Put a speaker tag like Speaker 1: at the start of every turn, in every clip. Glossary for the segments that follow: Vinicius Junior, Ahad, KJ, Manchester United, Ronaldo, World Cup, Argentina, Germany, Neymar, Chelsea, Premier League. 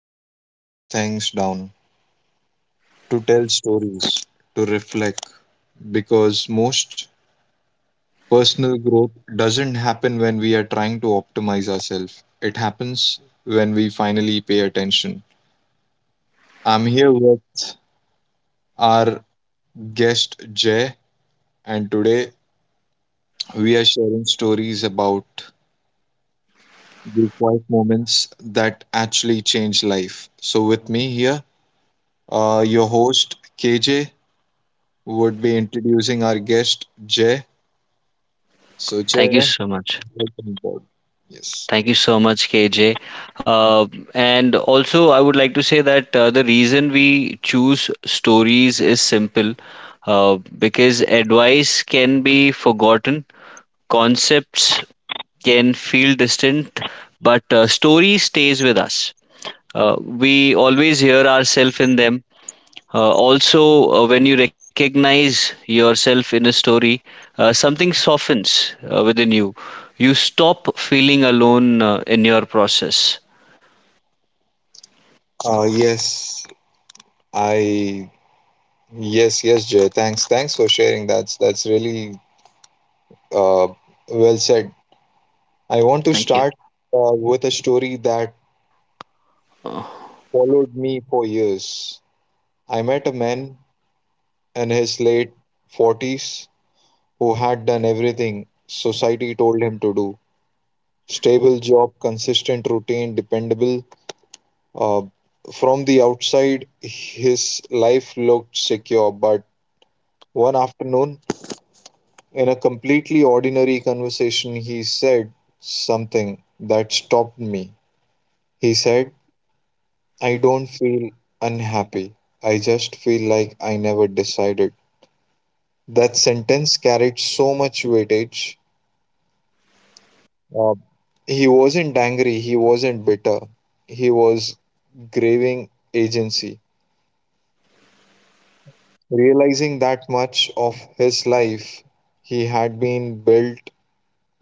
Speaker 1: designed to show things down, to tell stories, to reflect, because most personal growth doesn't happen when we are trying to optimize ourselves. It happens when we finally pay attention. I'm here with our guest Jay. And today we are sharing stories about the quiet moments that actually change life. So, with me here, your host KJ would be introducing our guest Jay. So, Jay,
Speaker 2: Thank you so much.
Speaker 1: welcome aboard. Yes.
Speaker 2: Thank you so much, KJ. Uh, and also, I would like to say that the reason we choose stories is simple, uh, because advice can be forgotten, concepts can feel distant, but story stays with us. Uh, we always hear ourselves in them. Also, when you recognize yourself in a story, something softens within you. You stop feeling alone in your process.
Speaker 1: Yes, I. Yes, yes, Jay. Thanks for sharing. That's really uh, well said. I want to
Speaker 2: Thank you.
Speaker 1: start with a story that
Speaker 2: Uh,
Speaker 1: followed me for years. I met a man in his late 40s who had done everything society told him to do: stable job, consistent routine, dependable. Uh, from the outside, his life looked secure, but one afternoon, in a completely ordinary conversation, he said something that stopped me. He said, I don't feel unhappy. I just feel like I never decided. That sentence carried so much weightage. Uh, he wasn't angry, he wasn't bitter. He was craving agency, realizing that much of his life he had been built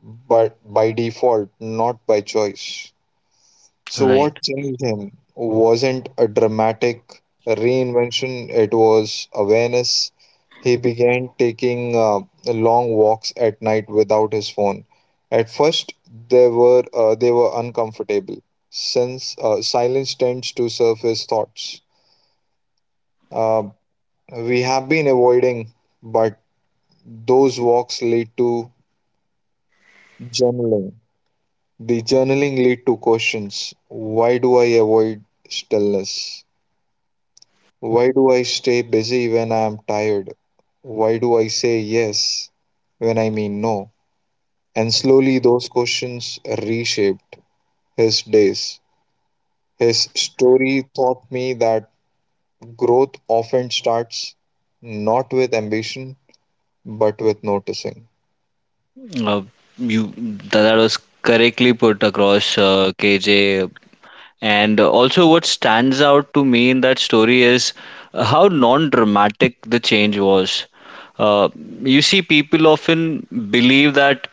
Speaker 1: but by default, not by choice. So,
Speaker 2: right.
Speaker 1: what changed him wasn't a dramatic reinvention, it was awareness. He began taking long walks at night without his phone. At first, they were uncomfortable, since silence tends to surface thoughts. Uh, we have been avoiding, but those walks lead to journaling. The journaling lead to questions. Why do I avoid stillness? Why do I stay busy when I am tired? Why do I say yes when I mean no? And slowly those questions reshaped his days. His story taught me that growth often starts not with ambition but with noticing.
Speaker 2: Uh, that was correctly put across, KJ. And also, what stands out to me in that story is how non-dramatic the change was. Uh, you see, people often believe that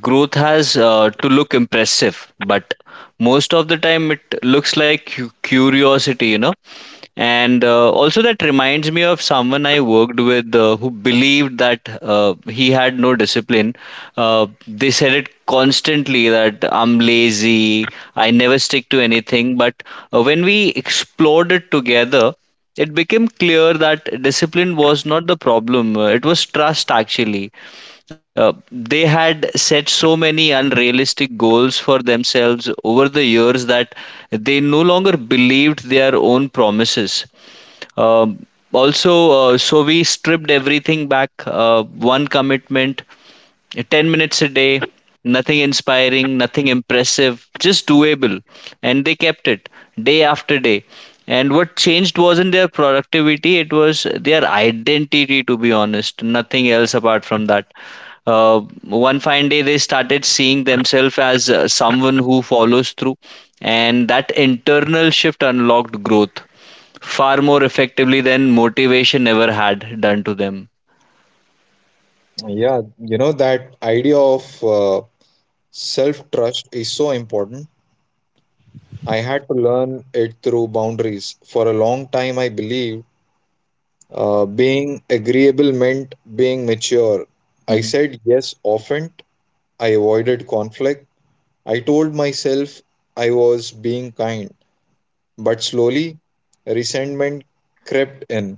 Speaker 2: growth has to look impressive, but most of the time it looks like curiosity, you know. And also that reminds me of someone I worked with, who believed that he had no discipline. Uh, they said it constantly that I'm lazy, I never stick to anything. But when we explored it together, it became clear that discipline was not the problem, it was trust, actually. They had set so many unrealistic goals for themselves over the years that they no longer believed their own promises. Um also, so we stripped everything back, one commitment, 10 minutes a day, nothing inspiring, nothing impressive, just doable. And they kept it day after day. And what changed wasn't their productivity, it was their identity, to be honest. Nothing else apart from that. One fine day, they started seeing themselves as someone who follows through. And that internal shift unlocked growth far more effectively than motivation ever had done to them.
Speaker 1: Yeah, you know, that idea of self trust is so important. I had to learn it through boundaries. For a long time, I believed being agreeable meant being mature. I
Speaker 2: Mhm.
Speaker 1: said yes often. I avoided conflict. I told myself I was being kind. But slowly, resentment crept in.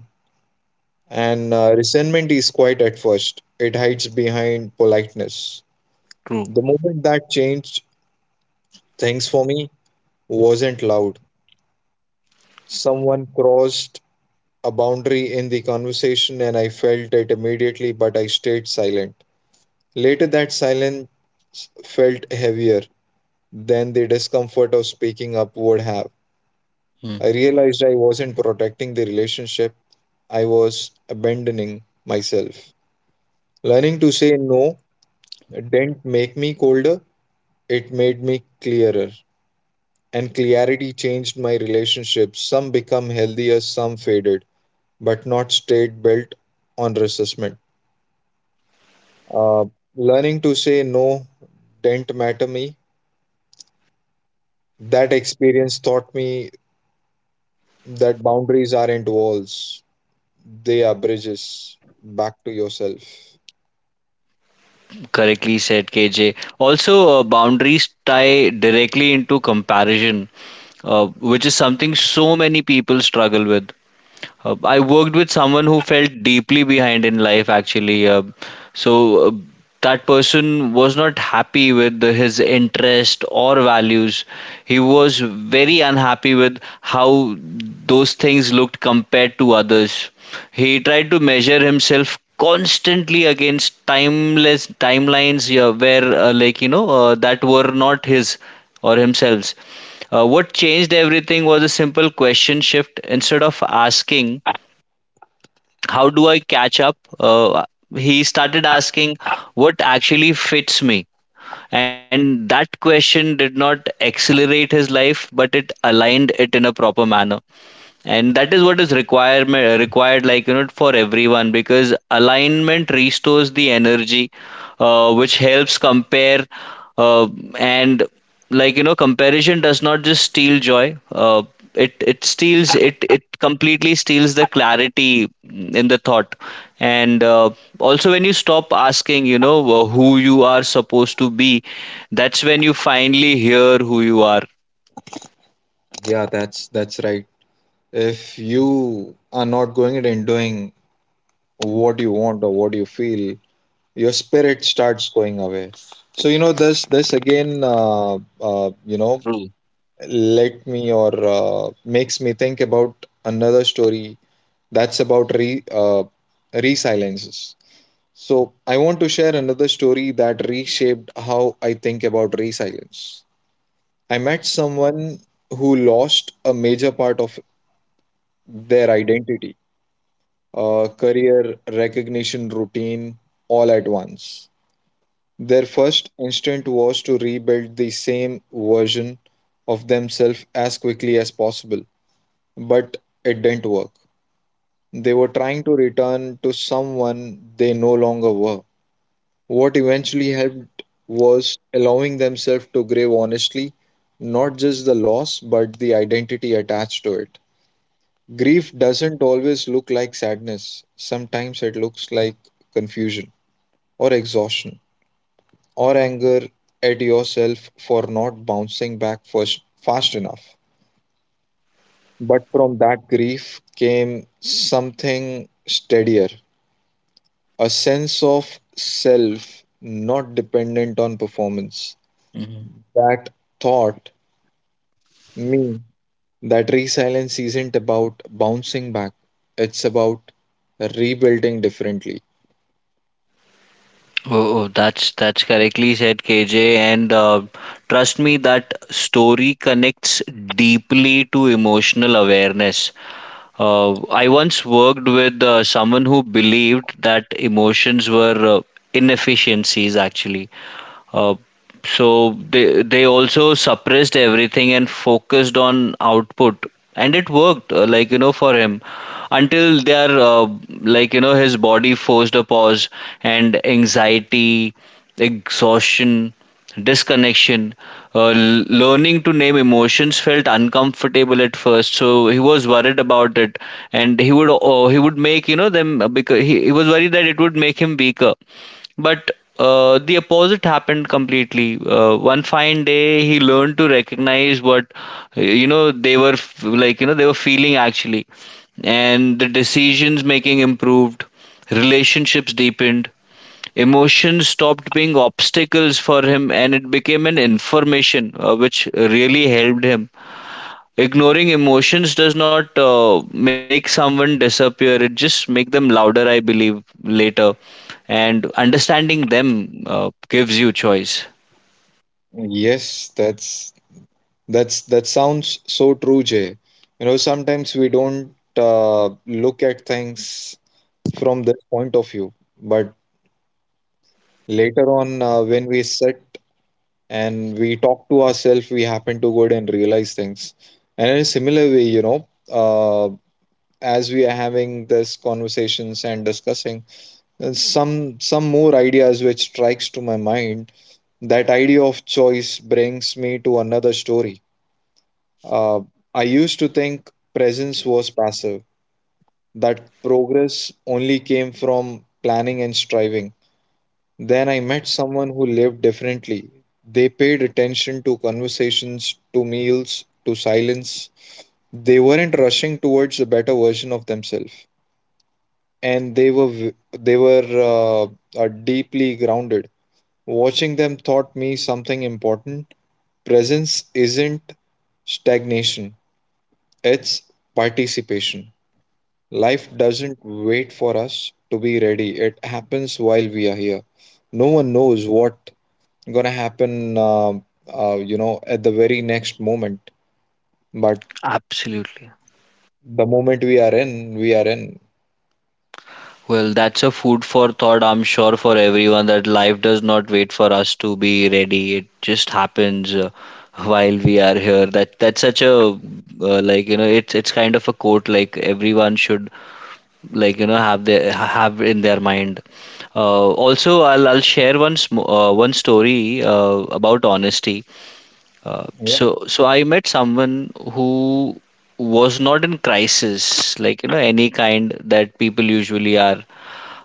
Speaker 1: And resentment is quiet at first, it hides behind politeness.
Speaker 2: True.
Speaker 1: The moment that changed things for me wasn't loud. Someone crossed a boundary in the conversation, and I felt it immediately, but I stayed silent. Later, that silence felt heavier than the discomfort of speaking up would have. I realized I wasn't protecting the relationship, I was abandoning myself. Learning to say no didn't make me colder, it made me clearer. And clarity changed my relationships. Some become healthier, some faded, but not stayed built on resentment. Uh, Learning to say no didn't matter me. That experience taught me that boundaries aren't walls, they are bridges back to yourself.
Speaker 2: Correctly said, KJ. Also, boundaries tie directly into comparison, which is something so many people struggle with. I worked with someone who felt deeply behind in life, actually. So that person was not happy with his interest or values. He was very unhappy with how those things looked compared to others. He tried to measure himself constantly against timeless timelines, yeah, where that were not his or himself. What changed everything was a simple question shift. Instead of asking, how do I catch up? He started asking, what actually fits me? And that question did not accelerate his life, but it aligned it in a proper manner, and that is what is requirement required, for everyone, because alignment restores the energy, which helps compare. Uh, and like you know comparison does not just steal joy, it steals it, completely steals the clarity in the thought. And also when you stop asking, you know, who you are supposed to be, that's when you finally hear who you are.
Speaker 1: Yeah, that's right. If you are not going and doing what you want or what you feel, your spirit starts going away. So you know this again uh, you know
Speaker 2: True.
Speaker 1: let me or makes me think about another story that's about re resiliences. So, I want to share another story that reshaped how I think about resilience. I met someone who lost a major part of their identity, career, recognition, routine, all at once. Their first instinct was to rebuild the same version of themselves as quickly as possible, but it didn't work. They were trying to return to someone they no longer were. What eventually helped was allowing themselves to grieve honestly, not just the loss, but the identity attached to it. Grief doesn't always look like sadness, sometimes it looks like confusion, or exhaustion, or anger at yourself for not bouncing back first, fast enough. But from that grief came something steadier, a sense of self not dependent on performance. That thought me, that resilience isn't about bouncing back, it's about rebuilding differently.
Speaker 2: Oh, oh, that's correctly said, KJ. And trust me, that story connects deeply to emotional awareness. I once worked with someone who believed that emotions were inefficiencies, actually. Uh, so they also suppressed everything and focused on output, and it worked, like you know, for him, until their his body forced a pause, and anxiety, exhaustion, disconnection. Learning to name emotions felt uncomfortable at first, so he was worried about it, and he would make you know them, because he was worried that it would make him weaker. But the opposite happened completely. One fine day, he learned to recognize what you know they were f- like. You know they were feeling, actually, and the decisions making improved, relationships deepened, emotions stopped being obstacles for him, and it became an information, which really helped him. Ignoring emotions does not make someone disappear. It just make them louder, I believe, later. And understanding them gives you choice.
Speaker 1: Yes, that's that sounds so true, Jay. You know, sometimes we don't look at things from this point of view, but later on, when we sit and we talk to ourselves, we happen to go and realize things. And in a similar way, you know, uh, as we are having this conversations and discussing some more ideas which strikes to my mind, that idea of choice brings me to another story. uh, I used to think presence was passive, that progress only came from planning and striving. Then I met someone who lived differently. They paid attention to conversations, to meals, to silence. They weren't rushing towards a better version of themselves, and they were deeply grounded. Watching them taught me something important. Presence isn't stagnation, it's participation. Life doesn't wait for us to be ready, it happens while we are here. No one knows what gonna happen, you know, at the very next moment. But
Speaker 2: Absolutely.
Speaker 1: the moment we are in, we are in.
Speaker 2: Well, that's a food for thought, I'm sure, for everyone, that life does not wait for us to be ready. It just happens while we are here. That that's such a it's kind of a quote like everyone should have their have in their mind. Also, I'll share one one story about honesty. Uh,
Speaker 1: Yeah,
Speaker 2: so so I met someone who was not in crisis, like you know, any kind that people usually are.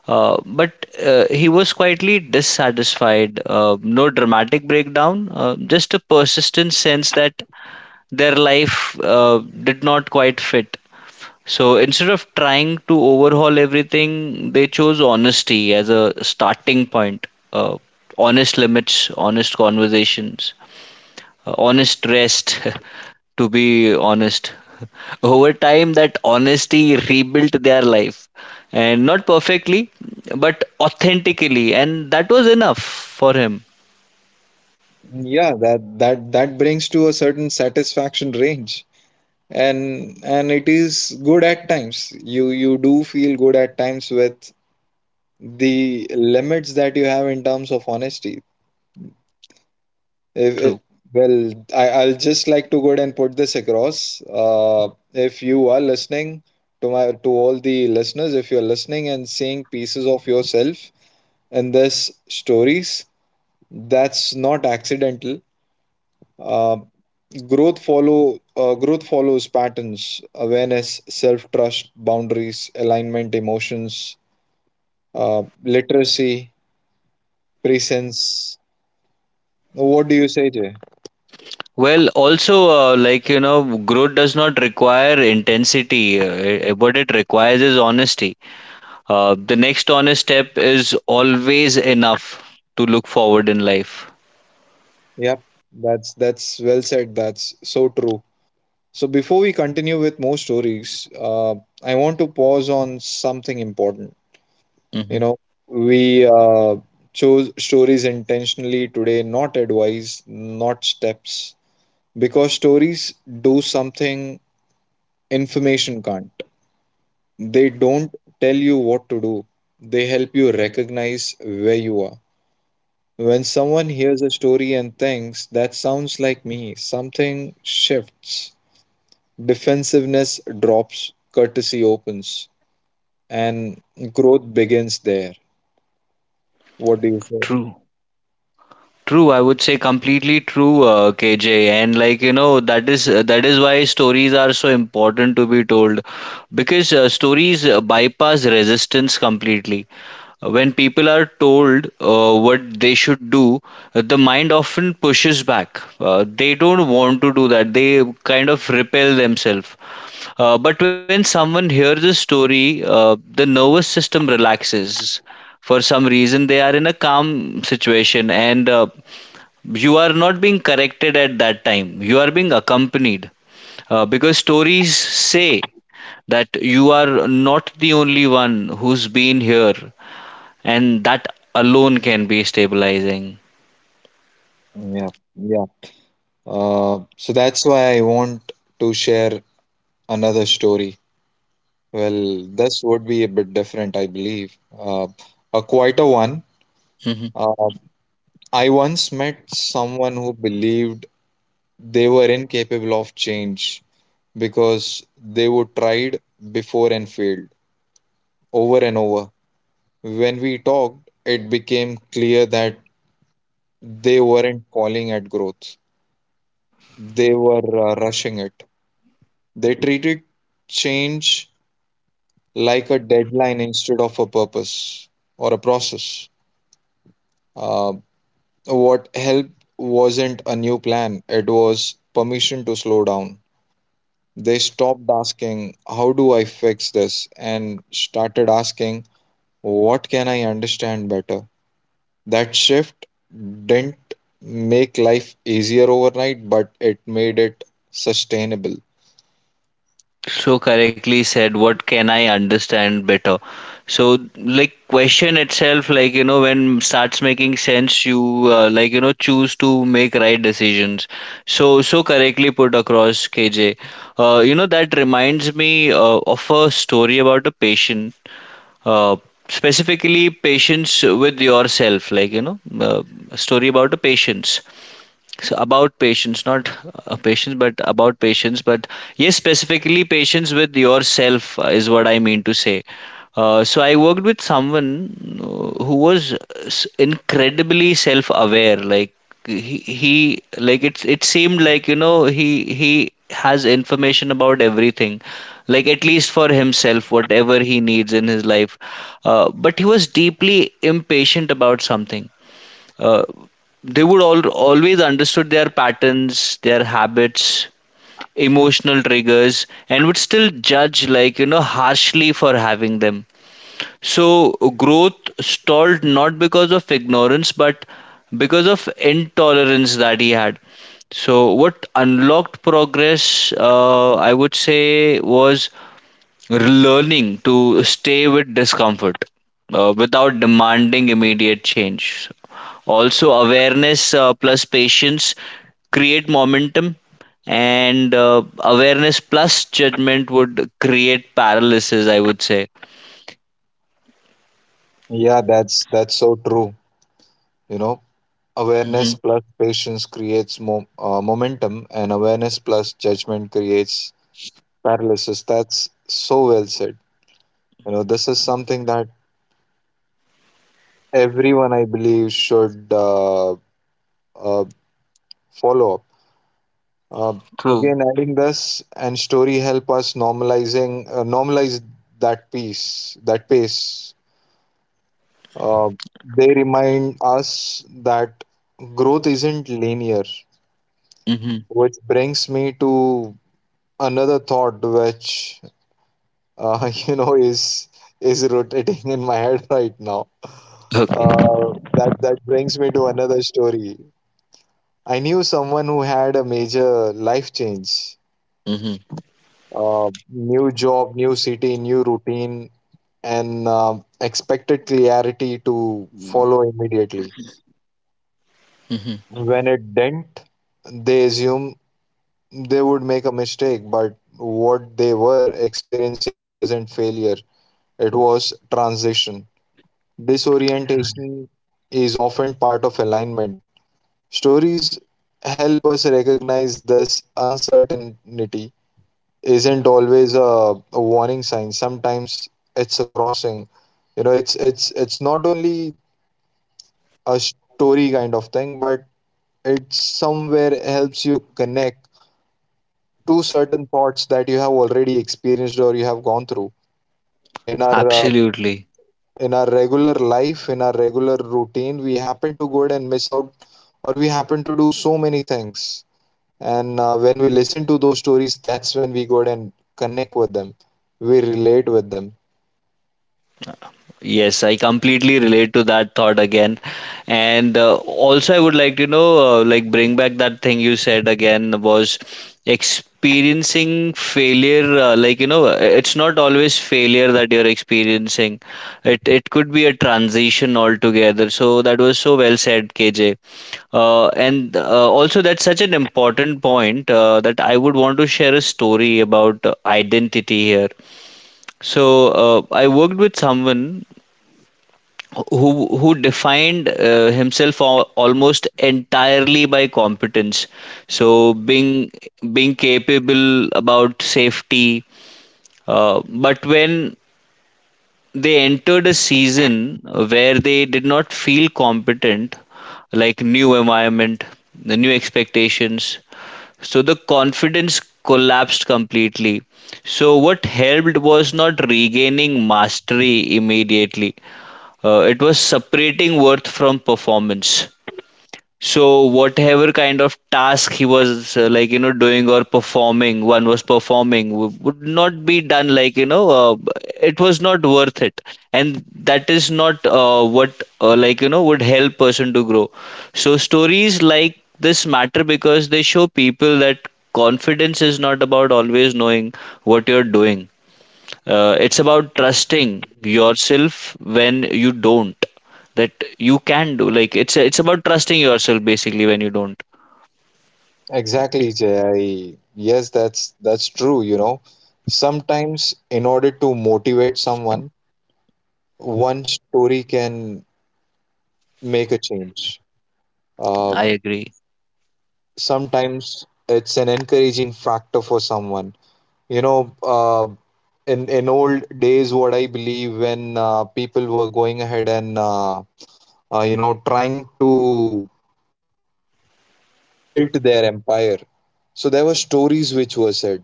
Speaker 2: But he was quietly dissatisfied. No dramatic breakdown, just a persistent sense that their life did not quite fit. So instead of trying to overhaul everything, they chose honesty as a starting point. Uh, honest limits, honest conversations, honest rest, to be honest. Over time, that honesty rebuilt their life. And not perfectly, but authentically. And that was enough for him.
Speaker 1: yeah. That that that brings to a certain satisfaction range. And it is good at times, you do feel good at times with the limits that you have in terms of honesty. if, if-
Speaker 2: True.
Speaker 1: well, I'll just like to go ahead and put this across. If you are listening to my, to all the listeners, if you're listening and seeing pieces of yourself in this stories, that's not accidental. Um, Growth follow growth follows patterns: awareness, self trust, boundaries, alignment, emotions, literacy, presence. What do you say, Jay?
Speaker 2: Well, also, growth does not require intensity. What it requires is honesty. The next honest step is always enough to look forward in life.
Speaker 1: Yep, that's well said, that's so true. So before we continue with more stories, I want to pause on something important. You
Speaker 2: Hmm.
Speaker 1: know, we chose stories intentionally today, not advice, not steps, because stories do something information can't. They don't tell you what to do, they help you recognize where you are. When someone hears a story and thinks, that sounds like me, something shifts. Defensiveness drops, courtesy opens, and growth begins there. What do you say?
Speaker 2: True. True, I would say completely true, KJ. And like you know, that is why stories are so important to be told, because stories bypass resistance completely. When people are told what they should do, the mind often pushes back. They don't want to do that. They kind of repel themselves. But when someone hears the story, the nervous system relaxes. For some reason, they are in a calm situation, and you are not being corrected at that time. You are being accompanied, because stories say that you are not the only one who's been here, and that alone can be stabilizing.
Speaker 1: Yeah, yeah. So that's why I want to share another story. Well, this would be a bit different, I believe. A quieter one.
Speaker 2: Mm-hmm.
Speaker 1: Uh, I once met someone who believed they were incapable of change because they were tried before and failed over and over. When we talked, it became clear that they weren't calling at growth, they were rushing it. They treated change like a deadline instead of a purpose or a process. Um, What helped wasn't a new plan, it was permission to slow down. They stopped asking, How do I fix this? And started asking, What can I understand better? That shift didn't make life easier overnight, but it made it sustainable.
Speaker 2: So correctly said, what can I understand better? So like question itself, like you know, when starts making sense, you like you know choose to make right decisions. So so correctly put across, KJ. You know, that reminds me of a story about a patient, uh, specifically patience with yourself, like you know, a story about a patience, so about patience not patience but about patience, but yes, specifically patience with yourself is what I mean to say. So I worked with someone, who was incredibly self aware, like it seemed like you know he has information about everything, like at least for himself, whatever he needs in his life. But he was deeply impatient about something. Uh, they would always understood their patterns, their habits, emotional triggers, and would still judge, like you know, harshly for having them. So growth stalled, not because of ignorance, but because of intolerance that he had. So what unlocked progress, I would say, was learning to stay with discomfort without demanding immediate change. Also, awareness plus patience create momentum, and awareness plus judgment would create paralysis, I would say.
Speaker 1: Yeah, that's so true. You know,
Speaker 2: Hmm.
Speaker 1: awareness plus patience creates momentum, and awareness plus judgment creates paralysis. That's so well said. You know this is something that everyone I believe should uh, follow up, uh,
Speaker 2: True.
Speaker 1: again adding this, and story help us normalizing normalize that piece, that pace. uh, they remind us that growth isn't linear,
Speaker 2: Hmm.
Speaker 1: which brings me to another thought which, you know, is rotating in my head right now.
Speaker 2: Okay.
Speaker 1: uh, that that brings me to another story. I knew someone who had a major life change,
Speaker 2: Hmm.
Speaker 1: new job, new city, new routine, and expected clarity to
Speaker 2: Mm.
Speaker 1: follow immediately.
Speaker 2: Hmm.
Speaker 1: When it didn't, they assumed they would make a mistake, but what they were experiencing wasn't failure, it was transition. Disorientation is often part of alignment. Stories help us recognize this uncertainty isn't always a warning sign. Sometimes it's a crossing. You know, it's not only a story kind of thing, but it somewhere helps you connect to certain thoughts that you have already experienced or you have gone through in our uh,
Speaker 2: Absolutely.
Speaker 1: in our regular life, in our regular routine. We happen to go ahead and miss out, or we happen to do so many things. And when we listen to those stories, that's when we go ahead and connect with them. We relate with them.
Speaker 2: Yes, I completely relate to that thought again. And also, I would like to know, like, bring back that thing you said again was experiencing failure. It's not always failure that you're experiencing. It could be a transition altogether. So that was so well said, KJ. And also, that's such an important point that I would want to share a story about identity here. So I worked with someone who who defined himself almost entirely by competence, so being being capable about safety. Uh, but when they entered a season where they did not feel competent, like new environment, the new expectations, so the confidence collapsed completely. So what helped was not regaining mastery immediately, it was separating worth from performance. So whatever kind of task he was doing or performing, one was performing would not be done, like you know, it was not worth it, and that is not what would help person to grow. So stories like this matter because they show people that confidence is not about always knowing what you're doing, it's about trusting yourself when you don't, that you can do, like it's about trusting yourself basically when you don't.
Speaker 1: Exactly, Jay. Yes, that's true, you know. Sometimes in order to motivate someone, one story can make a change. Uh,
Speaker 2: I agree.
Speaker 1: Sometimes it's an encouraging factor for someone. You know, uh, in old days, what I believe, when people were going ahead and you know trying to build their empire, so there were stories which were said.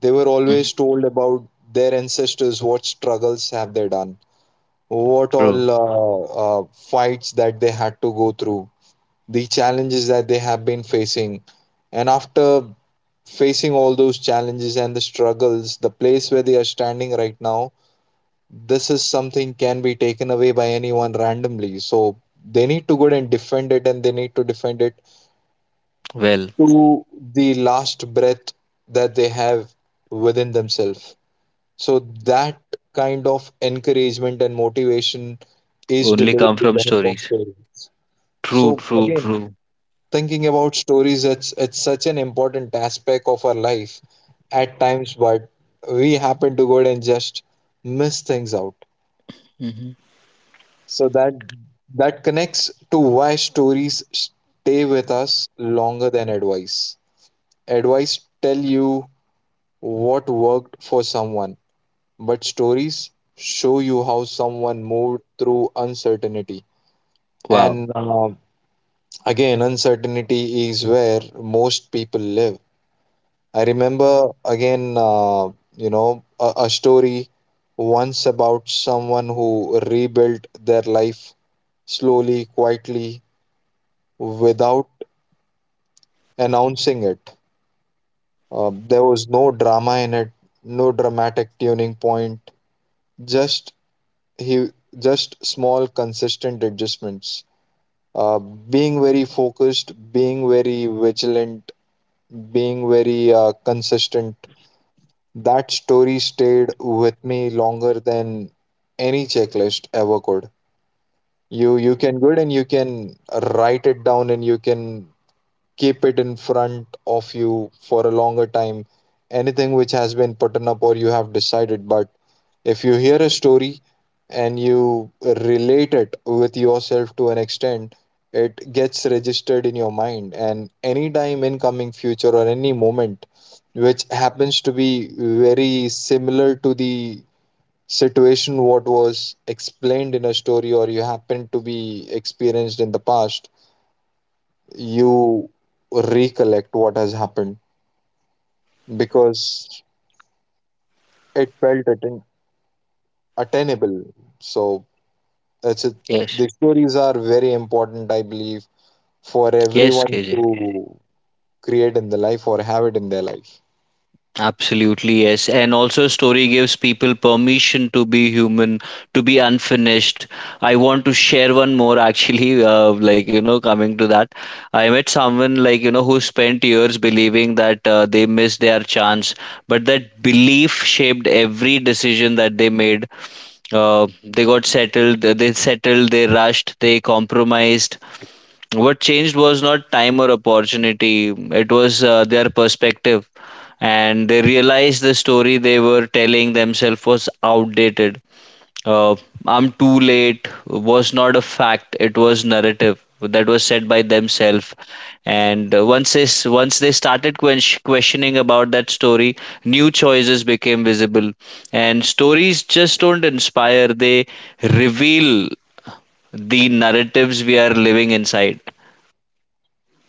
Speaker 1: They were
Speaker 2: Hmm.
Speaker 1: always told about their ancestors, what struggles have they done, what
Speaker 2: True.
Speaker 1: all fights that they had to go through, the challenges that they have been facing. And after facing all those challenges and the struggles, the place where they are standing right now, this is something can be taken away by anyone randomly. So they need to go and defend it and they need to defend it
Speaker 2: Well,
Speaker 1: to the last breath that they have within themselves. So that kind of encouragement and motivation is
Speaker 2: only
Speaker 1: delivered
Speaker 2: come
Speaker 1: with
Speaker 2: from
Speaker 1: the help of
Speaker 2: stories.
Speaker 1: stories.
Speaker 2: True,
Speaker 1: So
Speaker 2: true,
Speaker 1: again,
Speaker 2: true.
Speaker 1: thinking about stories, it's such an important aspect of our life at times, but we happen to go and just miss things out.
Speaker 2: Hmm.
Speaker 1: So that connects to why stories stay with us longer than advice. Advice tell you what worked for someone, but stories show you how someone moved through uncertainty.
Speaker 2: Wow.
Speaker 1: And Again, uncertainty is where most people live. I remember again, a story once about someone who rebuilt their life slowly, quietly, without announcing it. There was no drama in it, no dramatic tuning point, just he just small consistent adjustments, being very focused, being very vigilant, being very consistent. That story stayed with me longer than any checklist ever could. You can good and you can write it down and you can keep it in front of you for a longer time. Anything which has been put up or you have decided, but if you hear a story and you relate it with yourself to an extent, it gets registered in your mind. And any time in coming future or any moment which happens to be very similar to the situation what was explained in a story or you happen to be experienced in the past, you recollect what has happened because it felt atten- attainable. So that's it.
Speaker 2: Yes.
Speaker 1: The stories are very important, I believe, for
Speaker 2: Yes,
Speaker 1: everyone
Speaker 2: KJ.
Speaker 1: to create in the life or have it in their life.
Speaker 2: Absolutely, yes. And also, story gives people permission to be human, to be unfinished. I want to share one more, actually, coming to that. I met someone, like, you know, who spent years believing that they missed their chance, but that belief shaped every decision that they made. They got settled, they rushed, they compromised. What changed was not time or opportunity, it was their perspective, and they realized the story they were telling themselves was outdated. uh, I'm too late was not a fact, it was narrative that was said by themselves. And once once they started questioning about that story, new choices became visible. And stories just don't inspire, they reveal the narratives we are living inside.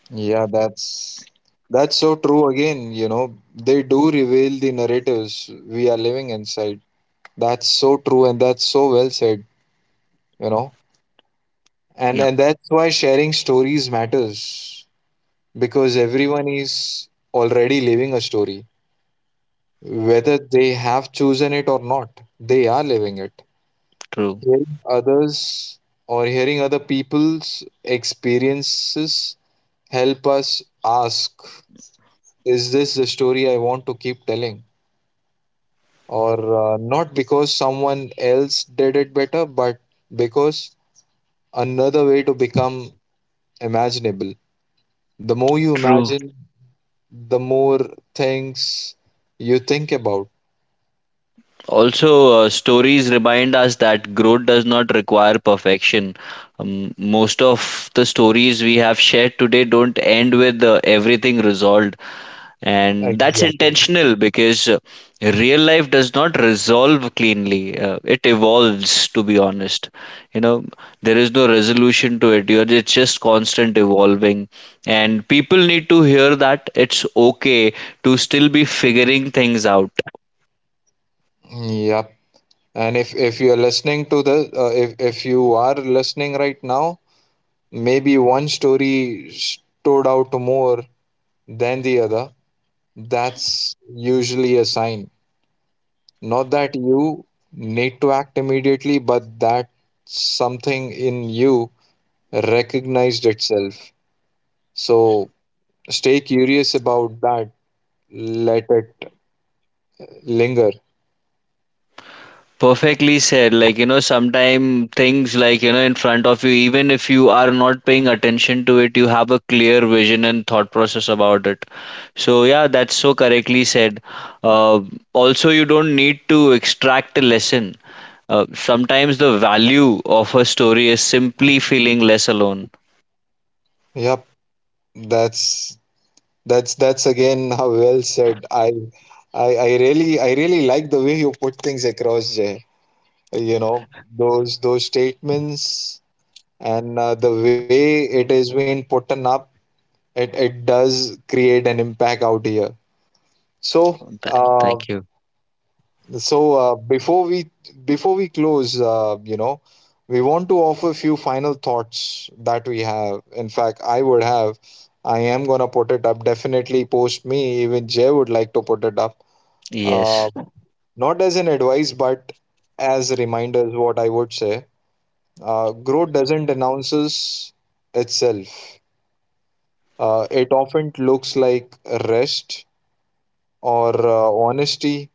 Speaker 1: Yeah, that's so true. Again, you know, they do reveal the narratives we are living inside. That's so true, and that's so well said. You know, and
Speaker 2: Yeah.
Speaker 1: and that's why sharing stories matters because everyone is already living a story, whether they have chosen it or not. They are living it.
Speaker 2: True.
Speaker 1: Hearing others or hearing other people's experiences help us ask, is this the story I want to keep telling? Or not because someone else did it better, but because another way to become imaginable. The more you
Speaker 2: True.
Speaker 1: imagine, the more things you think about.
Speaker 2: Also, stories remind us that growth does not require perfection. Most of the stories we have shared today don't end with everything resolved, and that's
Speaker 1: Exactly.
Speaker 2: intentional because real life does not resolve cleanly. It evolves, to be honest. You know, there is no resolution to it. You're, it's just constant evolving, and people need to hear that it's okay to still be figuring things out.
Speaker 1: Yep. And if you are listening to the uh, if you are listening right now, maybe one story stood out more than the other. That's usually a sign. Not that you need to act immediately, but that something in you recognized itself. So stay curious about that. Let it linger.
Speaker 2: Perfectly said. Like, you know, sometimes things like, you know, in front of you, even if you are not paying attention to it, you have a clear vision and thought process about it. So, yeah, that's so correctly said. Uh, also, you don't need to extract a lesson. Sometimes the value of a story is simply feeling less alone.
Speaker 1: Yep, that's that's again how well said. I really I really like the way you put things across, Jay. You know, those statements, and the way it is being put up, it does create an impact out here. So
Speaker 2: Th-
Speaker 1: uh,
Speaker 2: Thank you.
Speaker 1: so uh, before we before we close, you know, we want to offer a few final thoughts that we have. In fact, I would have, I am going to put it up definitely post me. Even Jay would like to put it up, uh,
Speaker 2: Yes.
Speaker 1: not as an advice but as reminders, what I would say. Growth doesn't announces itself. It often looks like rest or honesty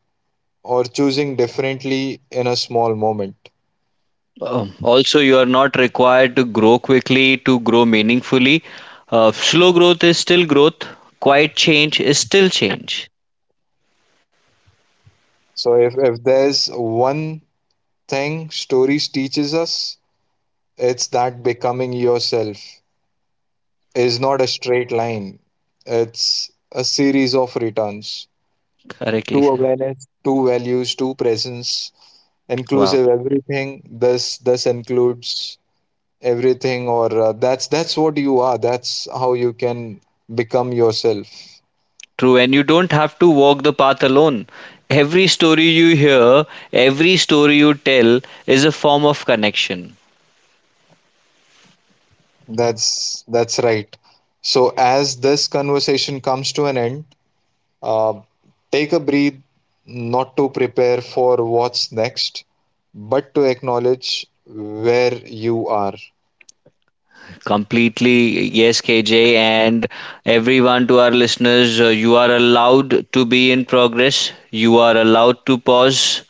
Speaker 1: or choosing differently in a small moment.
Speaker 2: Also, you are not required to grow quickly to grow meaningfully. Slow growth is still growth. Quiet change is still change.
Speaker 1: So, if there's one thing stories teaches us, it's that becoming yourself is not a straight line. It's a series of returns.
Speaker 2: Correctly
Speaker 1: Two
Speaker 2: said.
Speaker 1: awareness, two values, two presence,
Speaker 2: Wow.
Speaker 1: inclusive everything. This includes everything, or that's what you are, that's how you can become yourself.
Speaker 2: True. And you don't have to walk the path alone. Every story you hear, every story you tell is a form of connection.
Speaker 1: That's right. So as this conversation comes to an end, uh, take a breath, not to prepare for what's next but to acknowledge where you are.
Speaker 2: Completely, yes, KJ, and everyone, to our listeners, you are allowed to be in progress. You are allowed to pause.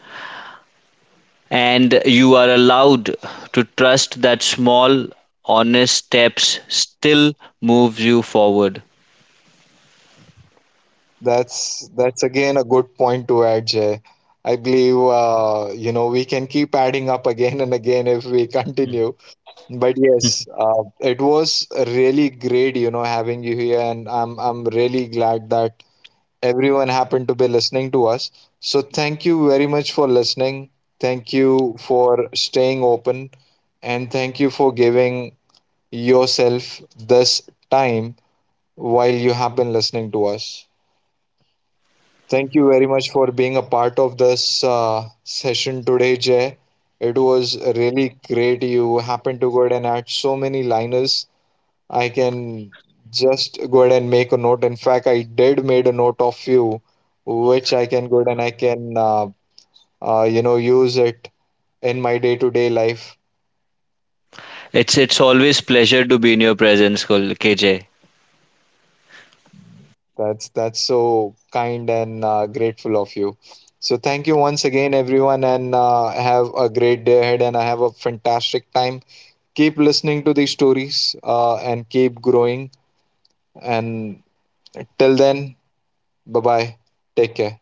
Speaker 2: And you are allowed to trust that small, honest steps still moves you forward.
Speaker 1: That's again a good point to add, Jay. I believe, you know, we can keep adding up again and again if we continue. But yes, it was really great, you know, having you here, and I'm really glad that everyone happened to be listening to us. So thank you very much for listening. Thank you for staying open, and thank you for giving yourself this time while you have been listening to us. Thank you very much for being a part of this session today, Jay. It was really great. You happened to go ahead and add so many liners. I can just go ahead and make a note. In fact, I did made a note of you, which I can go ahead and I can you know use it in my day-to-day life.
Speaker 2: It's always pleasure to be in your presence, Kul- KJ.
Speaker 1: That's so kind and grateful of you. So thank you once again, everyone, and have a great day ahead. And I have a fantastic time. Keep listening to these stories and keep growing. And till then, bye bye. Take care.